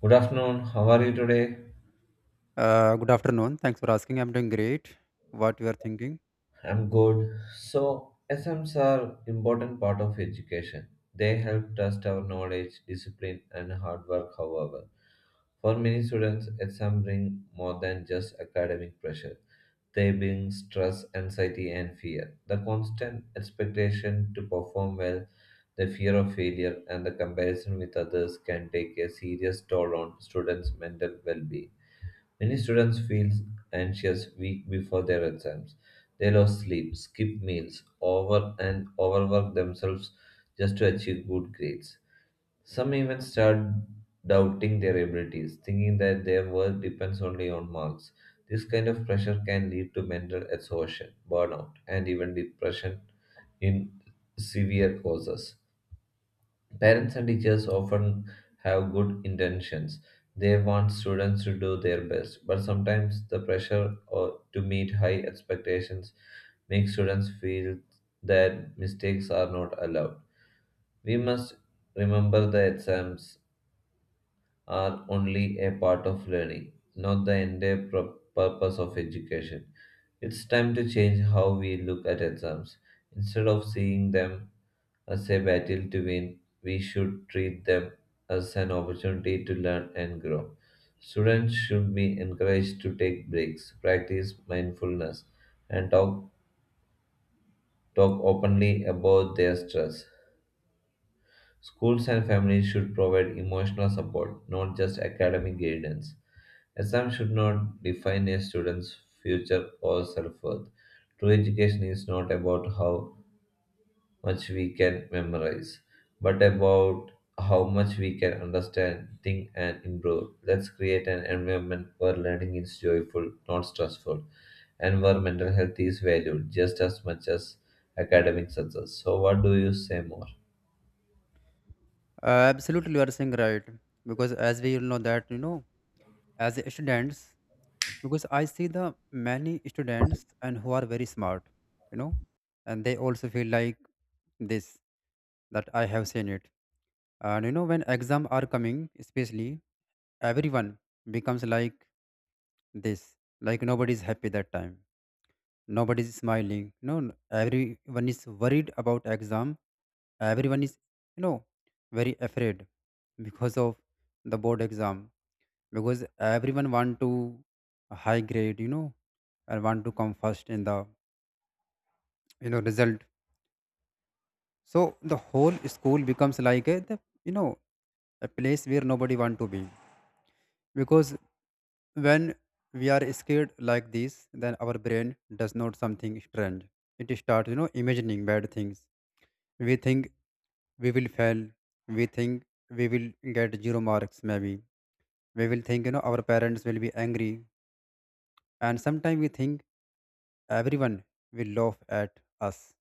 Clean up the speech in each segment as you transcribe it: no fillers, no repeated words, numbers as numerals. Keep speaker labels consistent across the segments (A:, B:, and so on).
A: Good afternoon. How are you today?
B: Good afternoon. Thanks for asking. I'm doing great. What you are thinking?
A: I'm good. So, SMs are important part of education. They help test our knowledge, discipline, and hard work. However, for many students, exams bring more than just academic pressure. They bring stress, anxiety, and fear. The constant expectation to perform well, the fear of failure, and the comparison with others can take a serious toll on students' mental well-being. Many students feel anxious week before their exams. They lose sleep, skip meals, over and overwork themselves just to achieve good grades. Some even start doubting their abilities, thinking that their worth depends only on marks. This kind of pressure can lead to mental exhaustion, burnout, and even depression in severe causes. Parents and teachers often have good intentions. They want students to do their best, but sometimes the pressure or to meet high expectations makes students feel that mistakes are not allowed. We must remember the exams are only a part of learning, not the entire purpose of education. It's time to change how we look at exams. Instead of seeing them as a battle to win, we should treat them as an opportunity to learn and grow. Students should be encouraged to take breaks, practice mindfulness, and talk openly about their stress. Schools and families should provide emotional support, not just academic guidance. Exams should not define a student's future or self worth. True education is not about how much we can memorize, but about how much we can understand, think, and improve. Let's create an environment where learning is joyful, not stressful, and where mental health is valued just as much as academic success. So, what do you say more?
B: Absolutely, you are saying right. Because as we all know that as students, because I see the many students and who are very smart, you know, and they also feel like this that I have seen it. And when exam are coming, especially everyone becomes like this, like nobody is happy that time. Nobody is smiling, no n- everyone is worried about exam. Everyone is, you know very afraid because of the board exam, because everyone want to high grade, and want to come first in the, result. So the whole school becomes like a you know a place where nobody want to be, because when we are scared like this, then our brain does not something strange. It start, imagining bad things. We think we will fail. We think we will get zero marks, maybe. We will think, our parents will be angry. And sometimes we think everyone will laugh at us.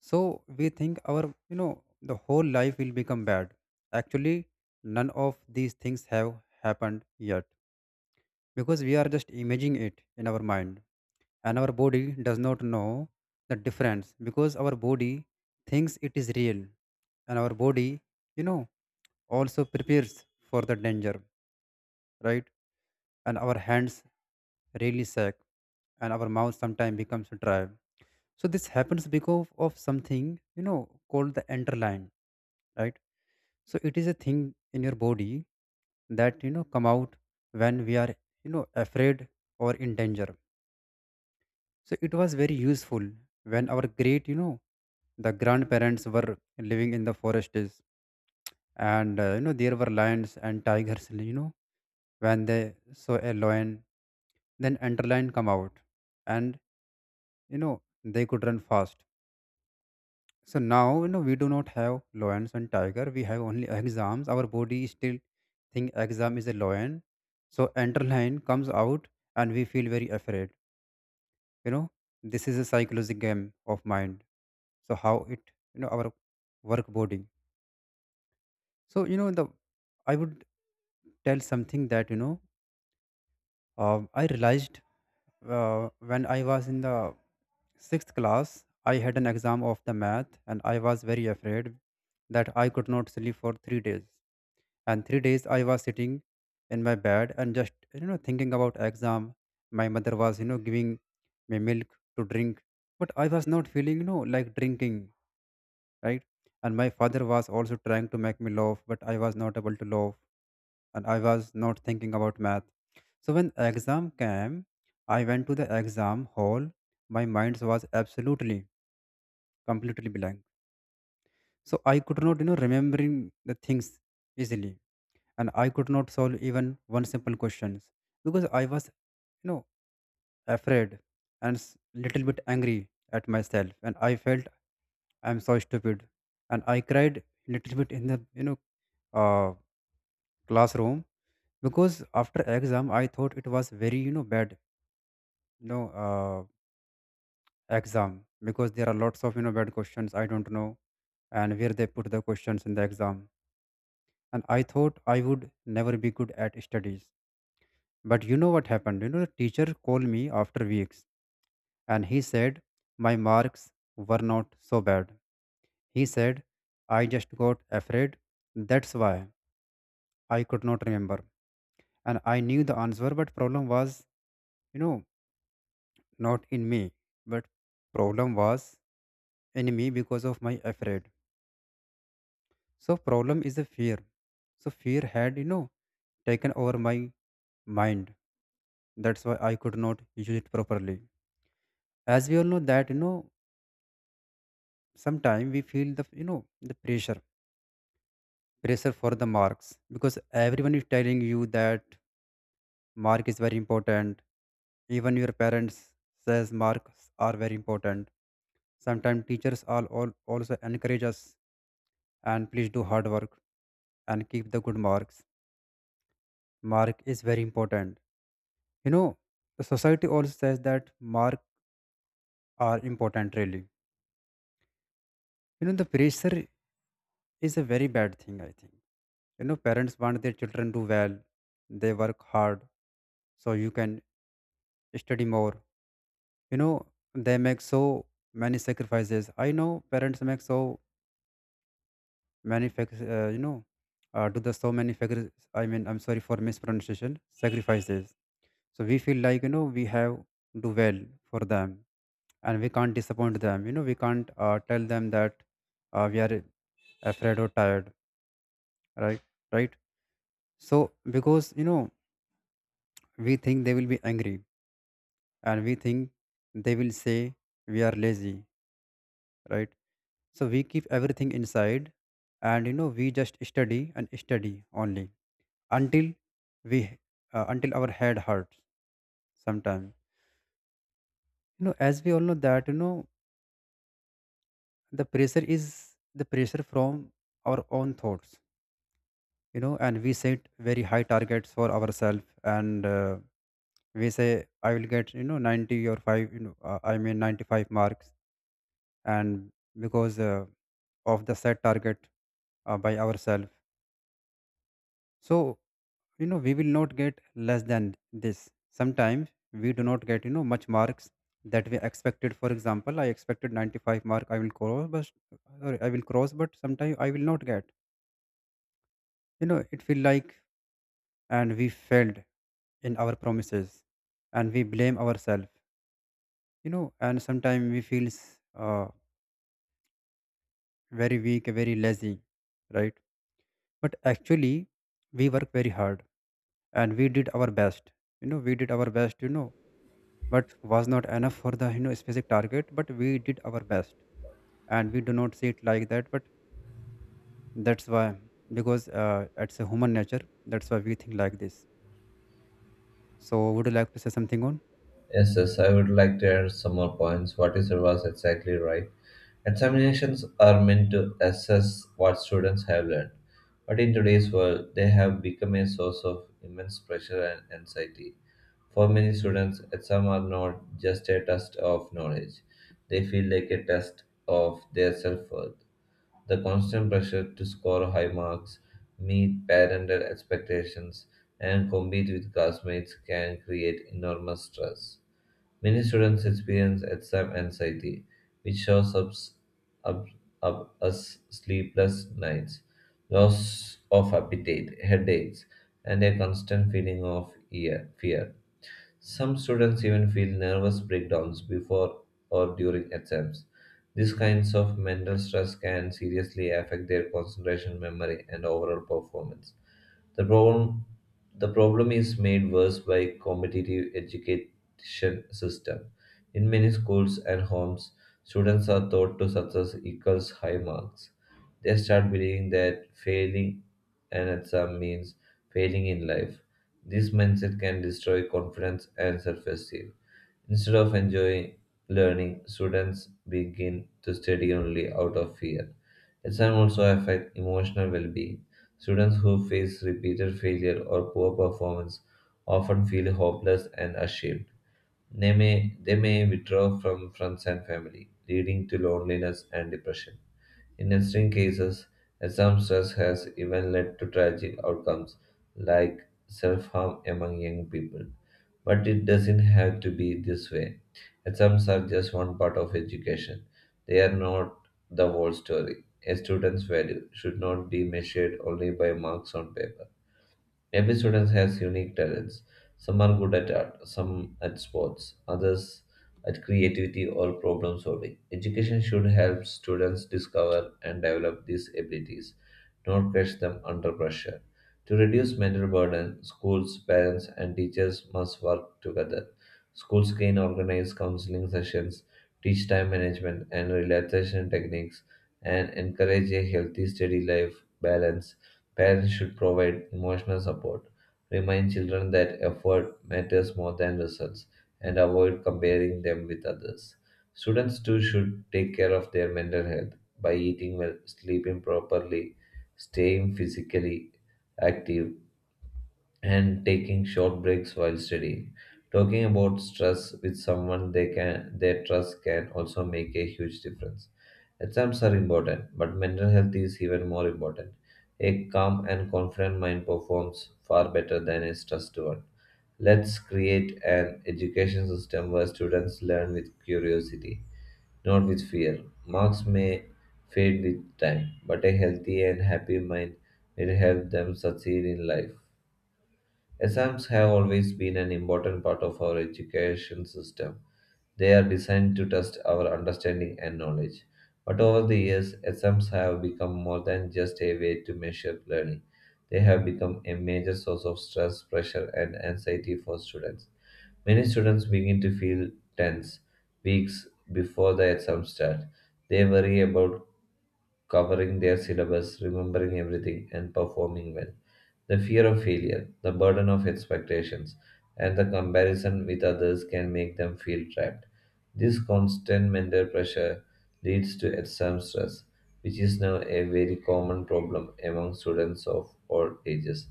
B: So we think our, the whole life will become bad. Actually, none of these things have happened yet, because we are just imagining it in our mind. And our body does not know the difference, because our body thinks it is real. And our body, you know, also prepares for the danger, right? And our hands really shake, and our mouth sometimes becomes dry. So this happens because of something called the enterline, right? So it is a thing in your body that, come out when we are, afraid or in danger. So it was very useful when our great, the grandparents were living in the forests, and you know, there were lions and tigers, you know, when they saw a lion, then underline come out, and, you know they could run fast. So now, you know, we do not have lions and tiger, we have only exams. Our body still think exam is a lion, so underline comes out, and we feel very afraid. You know, this is a psychological game of mind. So how it, our work body. So you know the, I would tell something that, I realized when I was in the sixth class, I had an exam of the math, and I was very afraid that I could not sleep for 3 days. And 3 days I was sitting in my bed and just, thinking about exam. My mother was, giving me milk to drink, but I was not feeling, like drinking, right? And my father was also trying to make me laugh, but I was not able to laugh, and I was not thinking about math. So when exam came, I went to the exam hall. My mind was absolutely, completely blank. So I could not, remembering the things easily, and I could not solve even one simple questions, because I was, you know, afraid and little bit angry at myself, and I felt I'm so stupid, and I cried little bit in the, uh, classroom, because after exam I thought it was very, bad. No, exam, because there are lots of, bad questions. I don't know. And where they put the questions in the exam. And I thought I would never be good at studies. But, you know, what happened? You know, the teacher called me after weeks, and he said my marks were not so bad. He said I just got afraid, that's why I could not remember. And I knew the answer, but problem was, you know not in me. But problem was in me because of my afraid. So problem is a fear. So fear had, taken over my mind. That's why I could not use it properly. As we all know that, sometimes we feel the, the pressure. Pressure for the marks. Because everyone is telling you that mark is very important. Even your parents says marks are very important. Sometimes teachers are all also encourage us, and please do hard work and keep the good marks. Mark is very important. You know, the society also says that marks are important, really. You know, the pressure is a very bad thing, I think. You know, parents want their children to do well, they work hard so you can study more. You know, they make so many sacrifices. I know parents make so many, do the so many, I'm sorry for mispronunciation, sacrifices. So we feel like, we have do well for them, and we can't disappoint them. You know, we can't, tell them that, we are afraid or tired, right? Right. So because, we think they will be angry, and we think they will say we are lazy, right? So we keep everything inside, and, we just study and study only until we, until our head hurts sometimes. You know, as we all know that, the pressure is the pressure from our own thoughts. You know, and we set very high targets for ourselves, and, we say I will get, 90 or 5, I mean, 95 marks. And because, of the set target, by ourselves. So, we will not get less than this. Sometimes we do not get, much marks that we expected. For example, I expected 95 mark I will cross, but sorry, I will cross, but sometimes I will not get, it feel like, and we failed in our promises, and we blame ourselves. You know, and sometimes we feels, uh, very weak, very lazy, right? But actually, we work very hard and we did our best. You know, we did our best, but was not enough for the, specific target, but we did our best. And we do not see it like that. But that's why, because, it's a human nature, that's why we think like this. So would you like to say something on?
A: Yes, yes, I would like to add some more points. What you said was exactly right. Examinations are meant to assess what students have learned, but in today's world, they have become a source of immense pressure and anxiety. For many students, exams are not just a test of knowledge, they feel like a test of their self worth. The constant pressure to score high marks, meet parental expectations, and compete with classmates can create enormous stress. Many students experience exam anxiety, which shows up, up as sleepless nights, loss of appetite, headaches, and a constant feeling of fear. Some students even feel nervous breakdowns before or during exams. These kinds of mental stress can seriously affect their concentration, memory, and overall performance. The problem, the problem is made worse by competitive education system. In many schools and homes, students are taught to success equals high marks. They start believing that failing an exam means failing in life. This mindset can destroy confidence and self-esteem. Instead of enjoying learning, students begin to study only out of fear. Exams also affect emotional well being. Students who face repeated failure or poor performance often feel hopeless and ashamed. They may withdraw from friends and family, leading to loneliness and depression. In extreme cases, exam stress has even led to tragic outcomes like self harm among young people. But it doesn't have to be this way. Exams are just one part of education, they are not the whole story. A student's value should not be measured only by marks on paper. Every student has unique talents. Some are good at art, some at sports, others at creativity or problem solving. Education should help students discover and develop these abilities, not crush them under pressure. To reduce mental burden, schools, parents, and teachers must work together. Schools can organize counseling sessions, teach time management and relaxation techniques, and encourage a healthy study life balance. Parents should provide emotional support, remind children that effort matters more than results, and avoid comparing them with others. Students too should take care of their mental health by eating well, sleeping properly, staying physically active, and taking short breaks while studying. Talking about stress with someone they trust can also make a huge difference. Exams are important, but mental health is even more important. A calm and confident mind performs far better than a stressed one. Let's create an education system where students learn with curiosity, not with fear. Marks may fade with time, but a healthy and happy mind will help them succeed in life. Exams have always been an important part of our education system. They are designed to test our understanding and knowledge. But over the years, exams have become more than just a way to measure learning. They have become a major source of stress, pressure, and anxiety for students. Many students begin to feel tense weeks before the exams start. They worry about covering their syllabus, remembering everything, and performing well. The fear of failure, the burden of expectations, and the comparison with others can make them feel trapped. This constant mental pressure leads to exam stress, which is now a very common problem among students of all ages.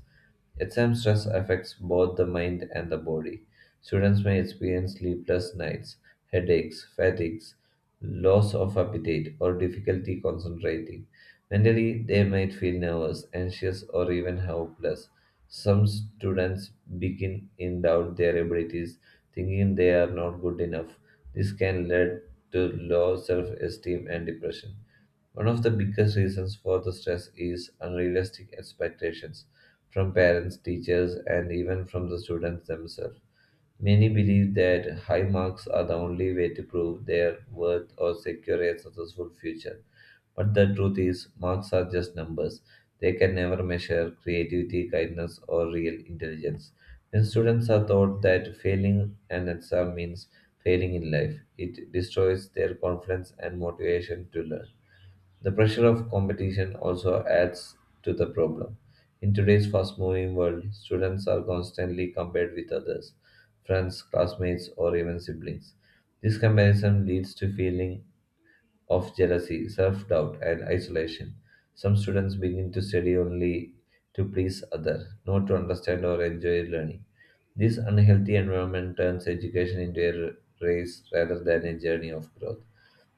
A: Exam stress affects both the mind and the body. Students may experience sleepless nights, headaches, fatigues, loss of appetite, or difficulty concentrating. Mentally, they might feel nervous, anxious, or even hopeless. Some students begin in doubt their abilities, thinking they are not good enough. This can lead to low self esteem and depression. One of the biggest reasons for the stress is unrealistic expectations from parents, teachers, and even from the students themselves. Many believe that high marks are the only way to prove their worth or secure a successful future. But the truth is, marks are just numbers. They can never measure creativity, kindness, or real intelligence. When students are taught that failing an exam means failing in life, it destroys their confidence and motivation to learn. The pressure of competition also adds to the problem. In today's fast moving world, students are constantly compared with others, friends, classmates, or even siblings. This comparison leads to feeling of jealousy, self doubt, and isolation. Some students begin to study only to please others, not to understand or enjoy learning. This unhealthy environment turns education into a race rather than a journey of growth.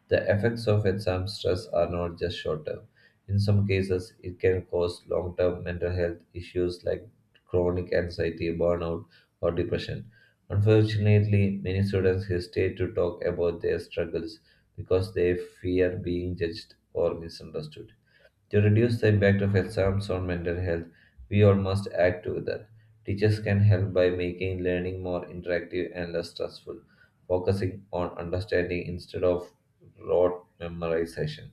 A: The effects of exam stress are not just short term. In some cases, it can cause long term mental health issues like chronic anxiety, burnout, or depression. Unfortunately, many students hesitate to talk about their struggles because they fear being judged or misunderstood. To reduce the impact of exams on mental health, we all must act together. Teachers can help by making learning more interactive and less stressful, focusing on understanding instead of rote memorization.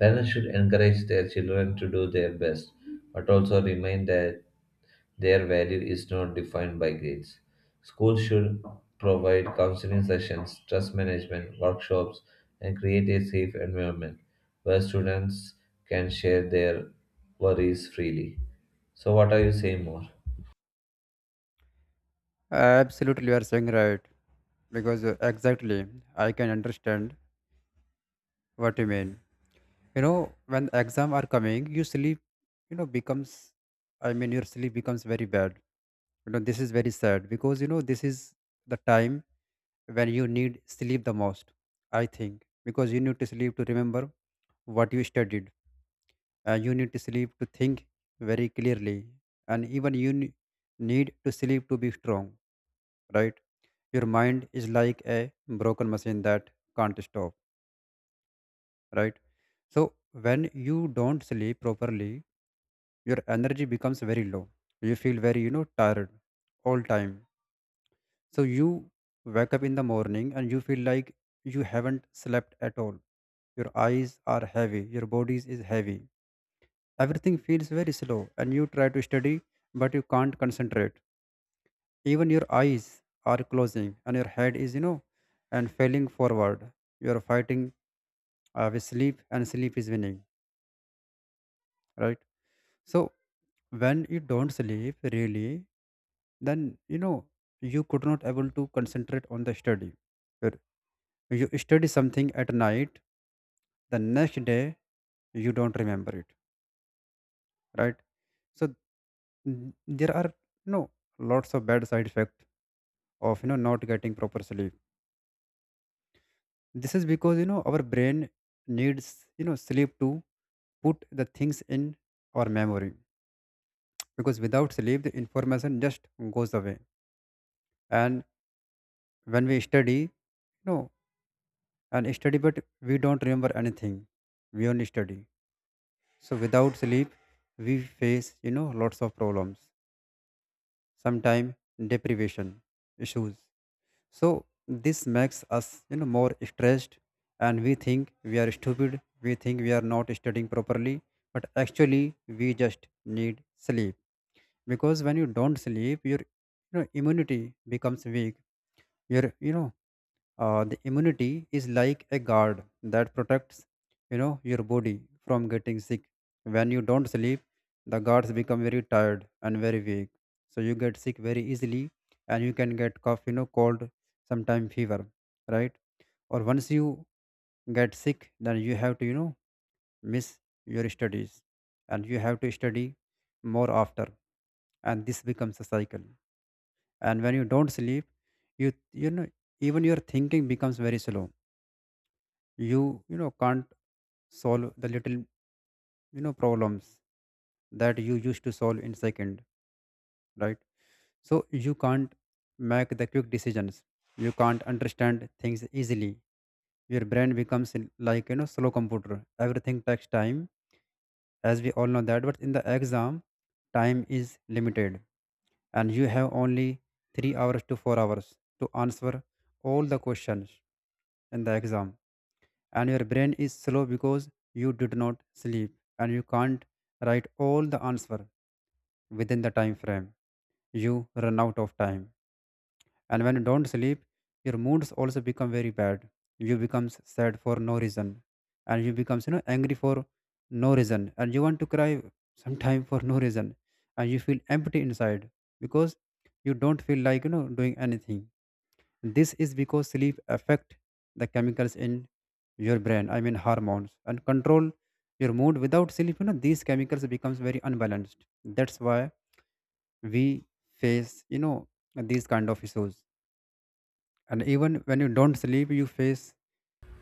A: Parents should encourage their children to do their best, but also remind their value is not defined by grades. Schools should provide counseling sessions, stress management, workshops, and create a safe environment where students can share their worries freely. So, what are you saying more?
B: Absolutely, you are saying right. Because exactly, I can understand what you mean. You know, when exam are coming, you know, becomes, your sleep becomes very bad. You know, this is very sad because, this is the time when you need sleep the most, I think. Because you need to sleep to remember what you studied. And you need to sleep to think very clearly. And even need to sleep to be strong, right? Your mind is like a broken machine that can't stop, right? So when you don't sleep properly, your energy becomes very low, you feel very, tired all time. So you wake up in the morning and you feel like you haven't slept at all. Your eyes are heavy, your body is heavy, everything feels very slow, and you try to study but you can't concentrate. Even your eyes are closing, and your head is, and falling forward. You are fighting of sleep, and sleep is winning, right? So when you don't sleep really, then, you could not able to concentrate on the study. But you study something at night, the next day you don't remember it, right? So there are, you know lots of bad side effect of, not getting proper sleep. This is because, our brain needs, sleep to put the things in our memory. Because without sleep, the information just goes away. And when we study, know and study, but we don't remember anything, we only study. So without sleep, we face, lots of problems, sometimes deprivation issues. So this makes us, more stressed, and we think we are stupid, we think we are not studying properly. But actually, we just need sleep. Because when you don't sleep, your, immunity becomes weak. Your, the immunity is like a guard that protects, your body from getting sick. When you don't sleep, the guards become very tired and very weak. So you get sick very easily, and you can get cough, cold, sometime fever, right? Or once you get sick, then you have to, miss your studies, and you have to study more after, and this becomes a cycle. And when you don't sleep, you know even your thinking becomes very slow. You you know can't solve the little problems that you used to solve in second, right? So you can't make the quick decisions, you can't understand things easily. Your brain becomes like slow computer, everything takes time, as we all know that. But in the exam time is limited, and you have only 3 hours to 4 hours to answer all the questions in the exam, and your brain is slow because you did not sleep, and you can't write all the answer within the time frame. You run out of time. And when you don't sleep, your moods also become very bad. You becomes sad for no reason, and you becomes angry for no reason, and you want to cry sometime for no reason. And you feel empty inside because you don't feel like doing anything. This is because sleep affect the chemicals in your brain, I mean hormones, and control your mood. Without sleep, these chemicals becomes very unbalanced. That's why we face, these kind of issues. And even when you don't sleep, you face,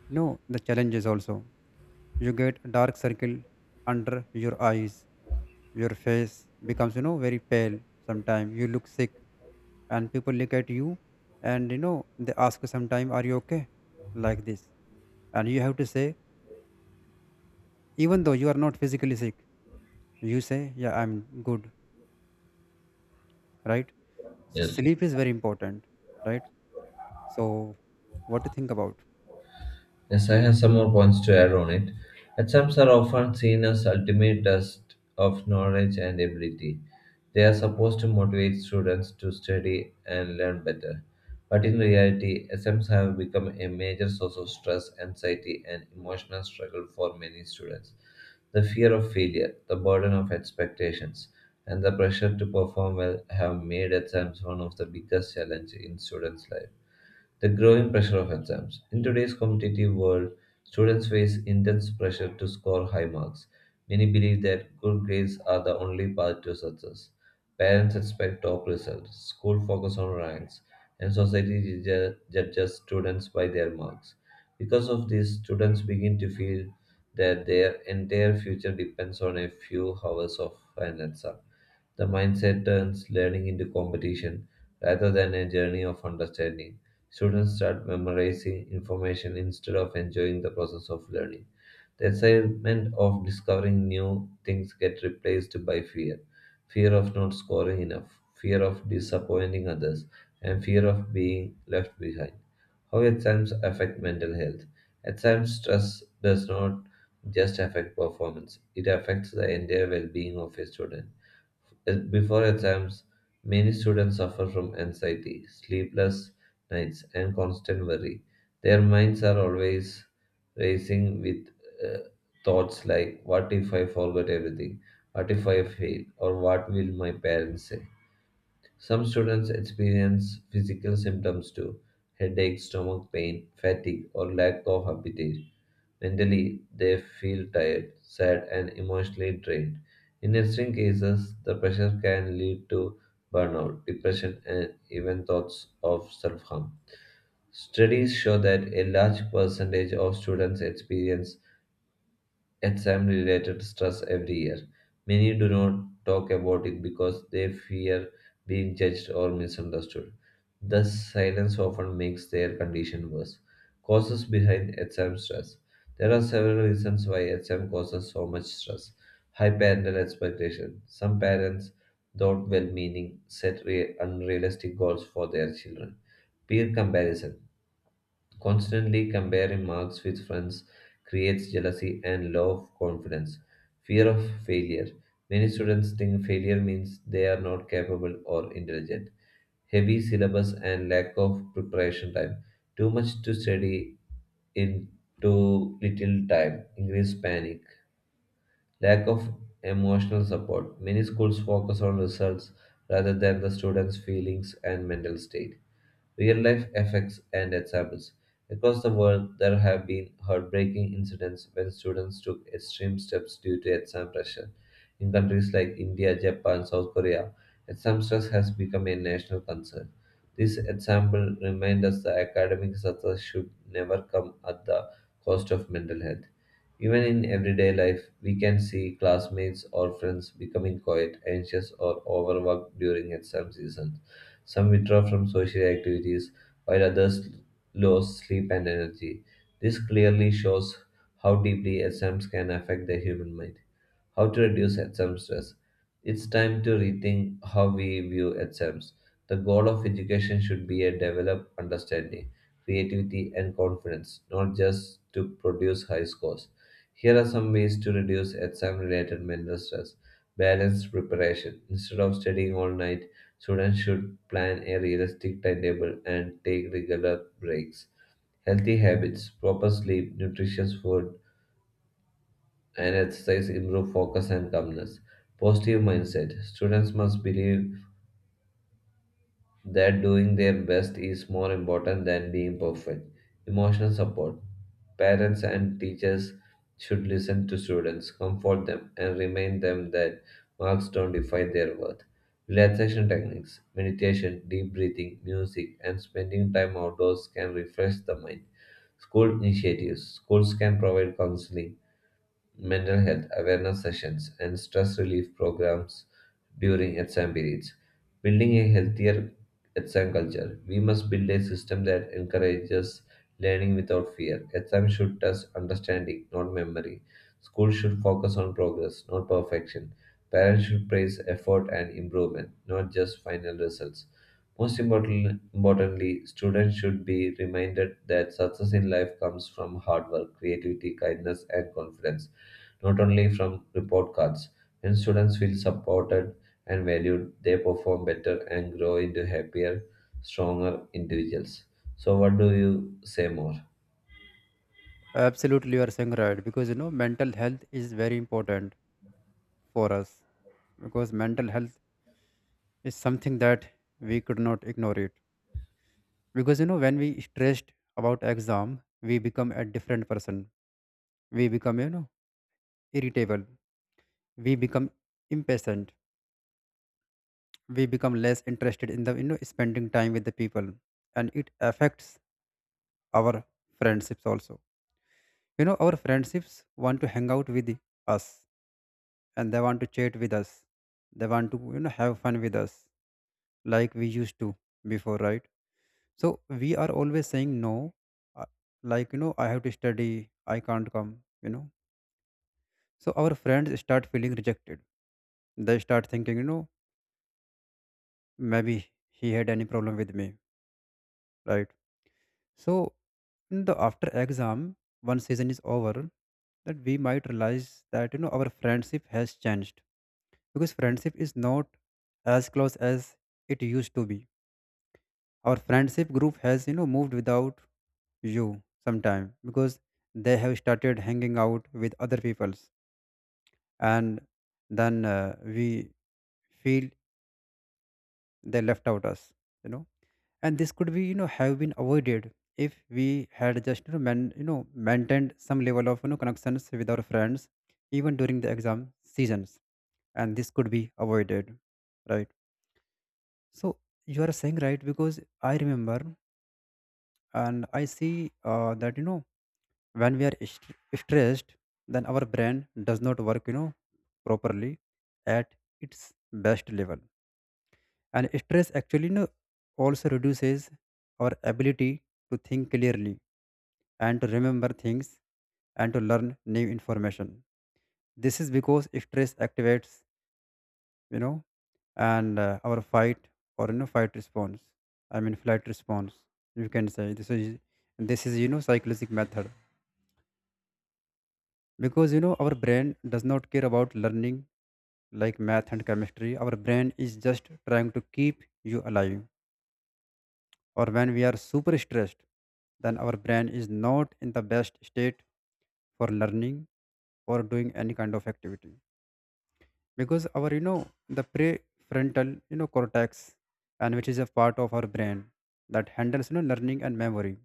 B: the challenges also. You get a dark circle under your eyes. Your face becomes, very pale. Sometimes you look sick, and people look at you, and they ask you sometime, "Are you okay?" Like this, and you have to say, even though you are not physically sick, you say, yeah, I'm good, right? So
A: Yes,
B: sleep is very important, right? So what to think about.
A: yes, I have some more points to add on it. Exams are often seen as ultimate test of knowledge and ability. They are supposed to motivate students to study and learn better. But in reality, exams have become a major source of stress, anxiety, and emotional struggle for many students. The fear of failure, the burden of expectations, and the pressure to perform well have made exams one of the biggest challenges in students' life. The growing pressure of exams. In today's competitive world, students face intense pressure to score high marks. Many believe that good grades are the only path to success. Parents expect top results, school focus on ranks, and society judges students by their marks. Because of this, students begin to feel that their entire future depends on a few hours of an exam. The mindset turns learning into competition rather than a journey of understanding. Students start memorizing information instead of enjoying the process of learning. The excitement of discovering new things get replaced by fear. Fear of not scoring enough, fear of disappointing others, and fear of being left behind. How exams affect mental health. Exam stress does not just affect performance, it affects the entire well being of a student. Before exams, many students suffer from anxiety, sleepless nights, and constant worry. Their minds are always racing with uh, thoughts like, what if I forget everything? What if I fail? Or what will my parents say? Some students experience physical symptoms too, headache, stomach pain, fatigue, or lack of appetite. Mentally, they feel tired, sad, and emotionally drained. In extreme cases, the pressure can lead to burnout, depression, and even thoughts of self harm. Studies show that a large percentage of students experience exam related stress every year. Many do not talk about it because they fear being judged or misunderstood. Thus, silence often makes their condition worse. Causes behind exam stress. There are several reasons why exam causes so much stress. High parental expectation. Some parents, though well meaning, set unrealistic goals for their children. Peer comparison. Constantly comparing marks with friends creates jealousy and low of confidence. Fear of failure. Many students think failure means they are not capable or intelligent. Heavy syllabus and lack of preparation time. Too much to study in too little time. Increased panic. Lack of emotional support. Many schools focus on results rather than the students' feelings and mental state, real life effects and examples. Across the world, there have been heartbreaking incidents when students took extreme steps due to exam pressure. In countries like India, Japan, South Korea, exam stress has become a national concern. This example reminds us that academic success should never come at the cost of mental health. Even in everyday life, we can see classmates or friends becoming quiet, anxious, or overworked during exam season. Some withdraw from social activities, while others lose sleep and energy. This clearly shows how deeply exams can affect the human mind. How to reduce exam stress? It's time to rethink how we view exams. The goal of education should be a develop understanding, creativity, and confidence, not just to produce high scores. Here are some ways to reduce exam related mental stress. Balanced preparation. Instead of studying all night, students should plan a realistic timetable and take regular breaks. Healthy habits, proper sleep, nutritious food, and exercise improve focus and calmness. Positive mindset. Students must believe that doing their best is more important than being perfect. Emotional support. Parents and teachers should listen to students, comfort them, and remind them that marks don't define their worth. Relaxation techniques, meditation, deep breathing, music, and spending time outdoors can refresh the mind. School initiatives. Schools can provide counseling, mental health awareness sessions, and stress relief programs during exam periods. Building a healthier exam culture, we must build a system that encourages learning without fear. Exam should test understanding, not memory. Schools should focus on progress, not perfection. Parents should praise effort and improvement, not just final results. Importantly, students should be reminded that success in life comes from hard work, creativity, kindness, and confidence, not only from report cards. When students feel supported and valued, they perform better and grow into happier, stronger individuals. So, what do you say more?
B: Absolutely, you are saying right, because mental health is very important for us, because mental health is something that we could not ignore it. Because when we stressed about exam we become a different person. We become irritable, we become impatient, we become less interested in the spending time with the people. And it affects our friendships also. You know our friendships want to hang out with us, and they want to chat with us, they want to have fun with us, like we used to before, right? So we are always saying no, uh, like I have to study, I can't come, you know. So our friends start feeling rejected. They start thinking, maybe he had any problem with me, right? So in the after exam, one season is over, that we might realize that our friendship has changed, because friendship is not as close as it used to be. Our friendship group has moved without you sometime because they have started hanging out with other peoples, and then we feel they left out us. You know and this could be have been avoided if we had just man, maintained some level of connections with our friends, even during the exam seasons, and this could be avoided, right? So you are saying right, because I remember and I see that when we are stressed then our brain does not work properly at its best level. And stress actually, also reduces our ability to think clearly and to remember things and to learn new information. This is because stress activates, you know, and our fight or fight response. I mean flight response. You can say this is psychological method, because our brain does not care about learning like math and chemistry. Our brain is just trying to keep you alive. Or when we are super stressed, then our brain is not in the best state for learning or doing any kind of activity, because our the prefrontal cortex, and which is a part of our brain that handles learning and memory,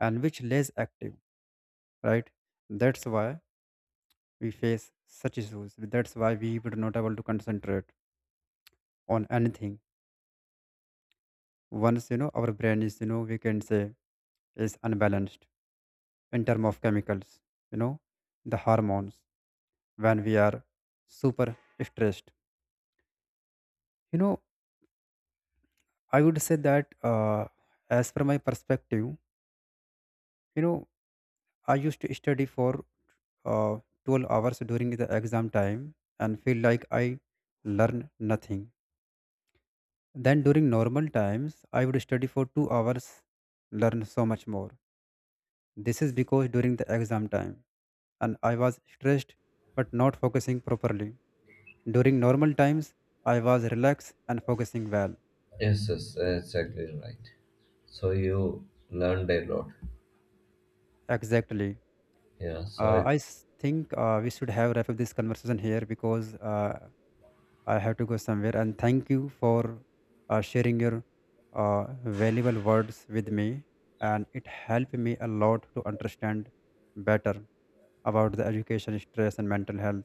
B: and which less active, right? That's why we face such issues, that's why we were not able to concentrate on anything. Once our brain is, we can say, is unbalanced in term of chemicals, you know the hormones, when we are super stressed, you know I would say that, as per my perspective, you know I used to study for uh, 12 hours during the exam time and feel like I learn nothing. Then during normal times, I would study for 2 hours, learn so much more. This is because during the exam time and I was stressed but not focusing properly. During normal times, I was relaxed and focusing well.
A: Yes, yes, exactly right. So, you learned a lot.
B: Exactly.
A: Yeah, so,
B: Uh,
A: it,
B: I s- think we should have wrap up this conversation here, because I have to go somewhere. And thank you for sharing your valuable words with me. And it helped me a lot to understand better about the education, stress, and mental health.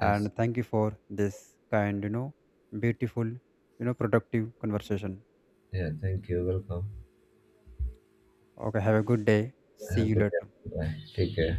A: yes.
B: thank you for this kind, beautiful, productive conversation.
A: Yeah, thank you. Welcome.
B: Okay, have a good day. See
A: Have a
B: you
A: good
B: later.
A: day. Bye. Take care.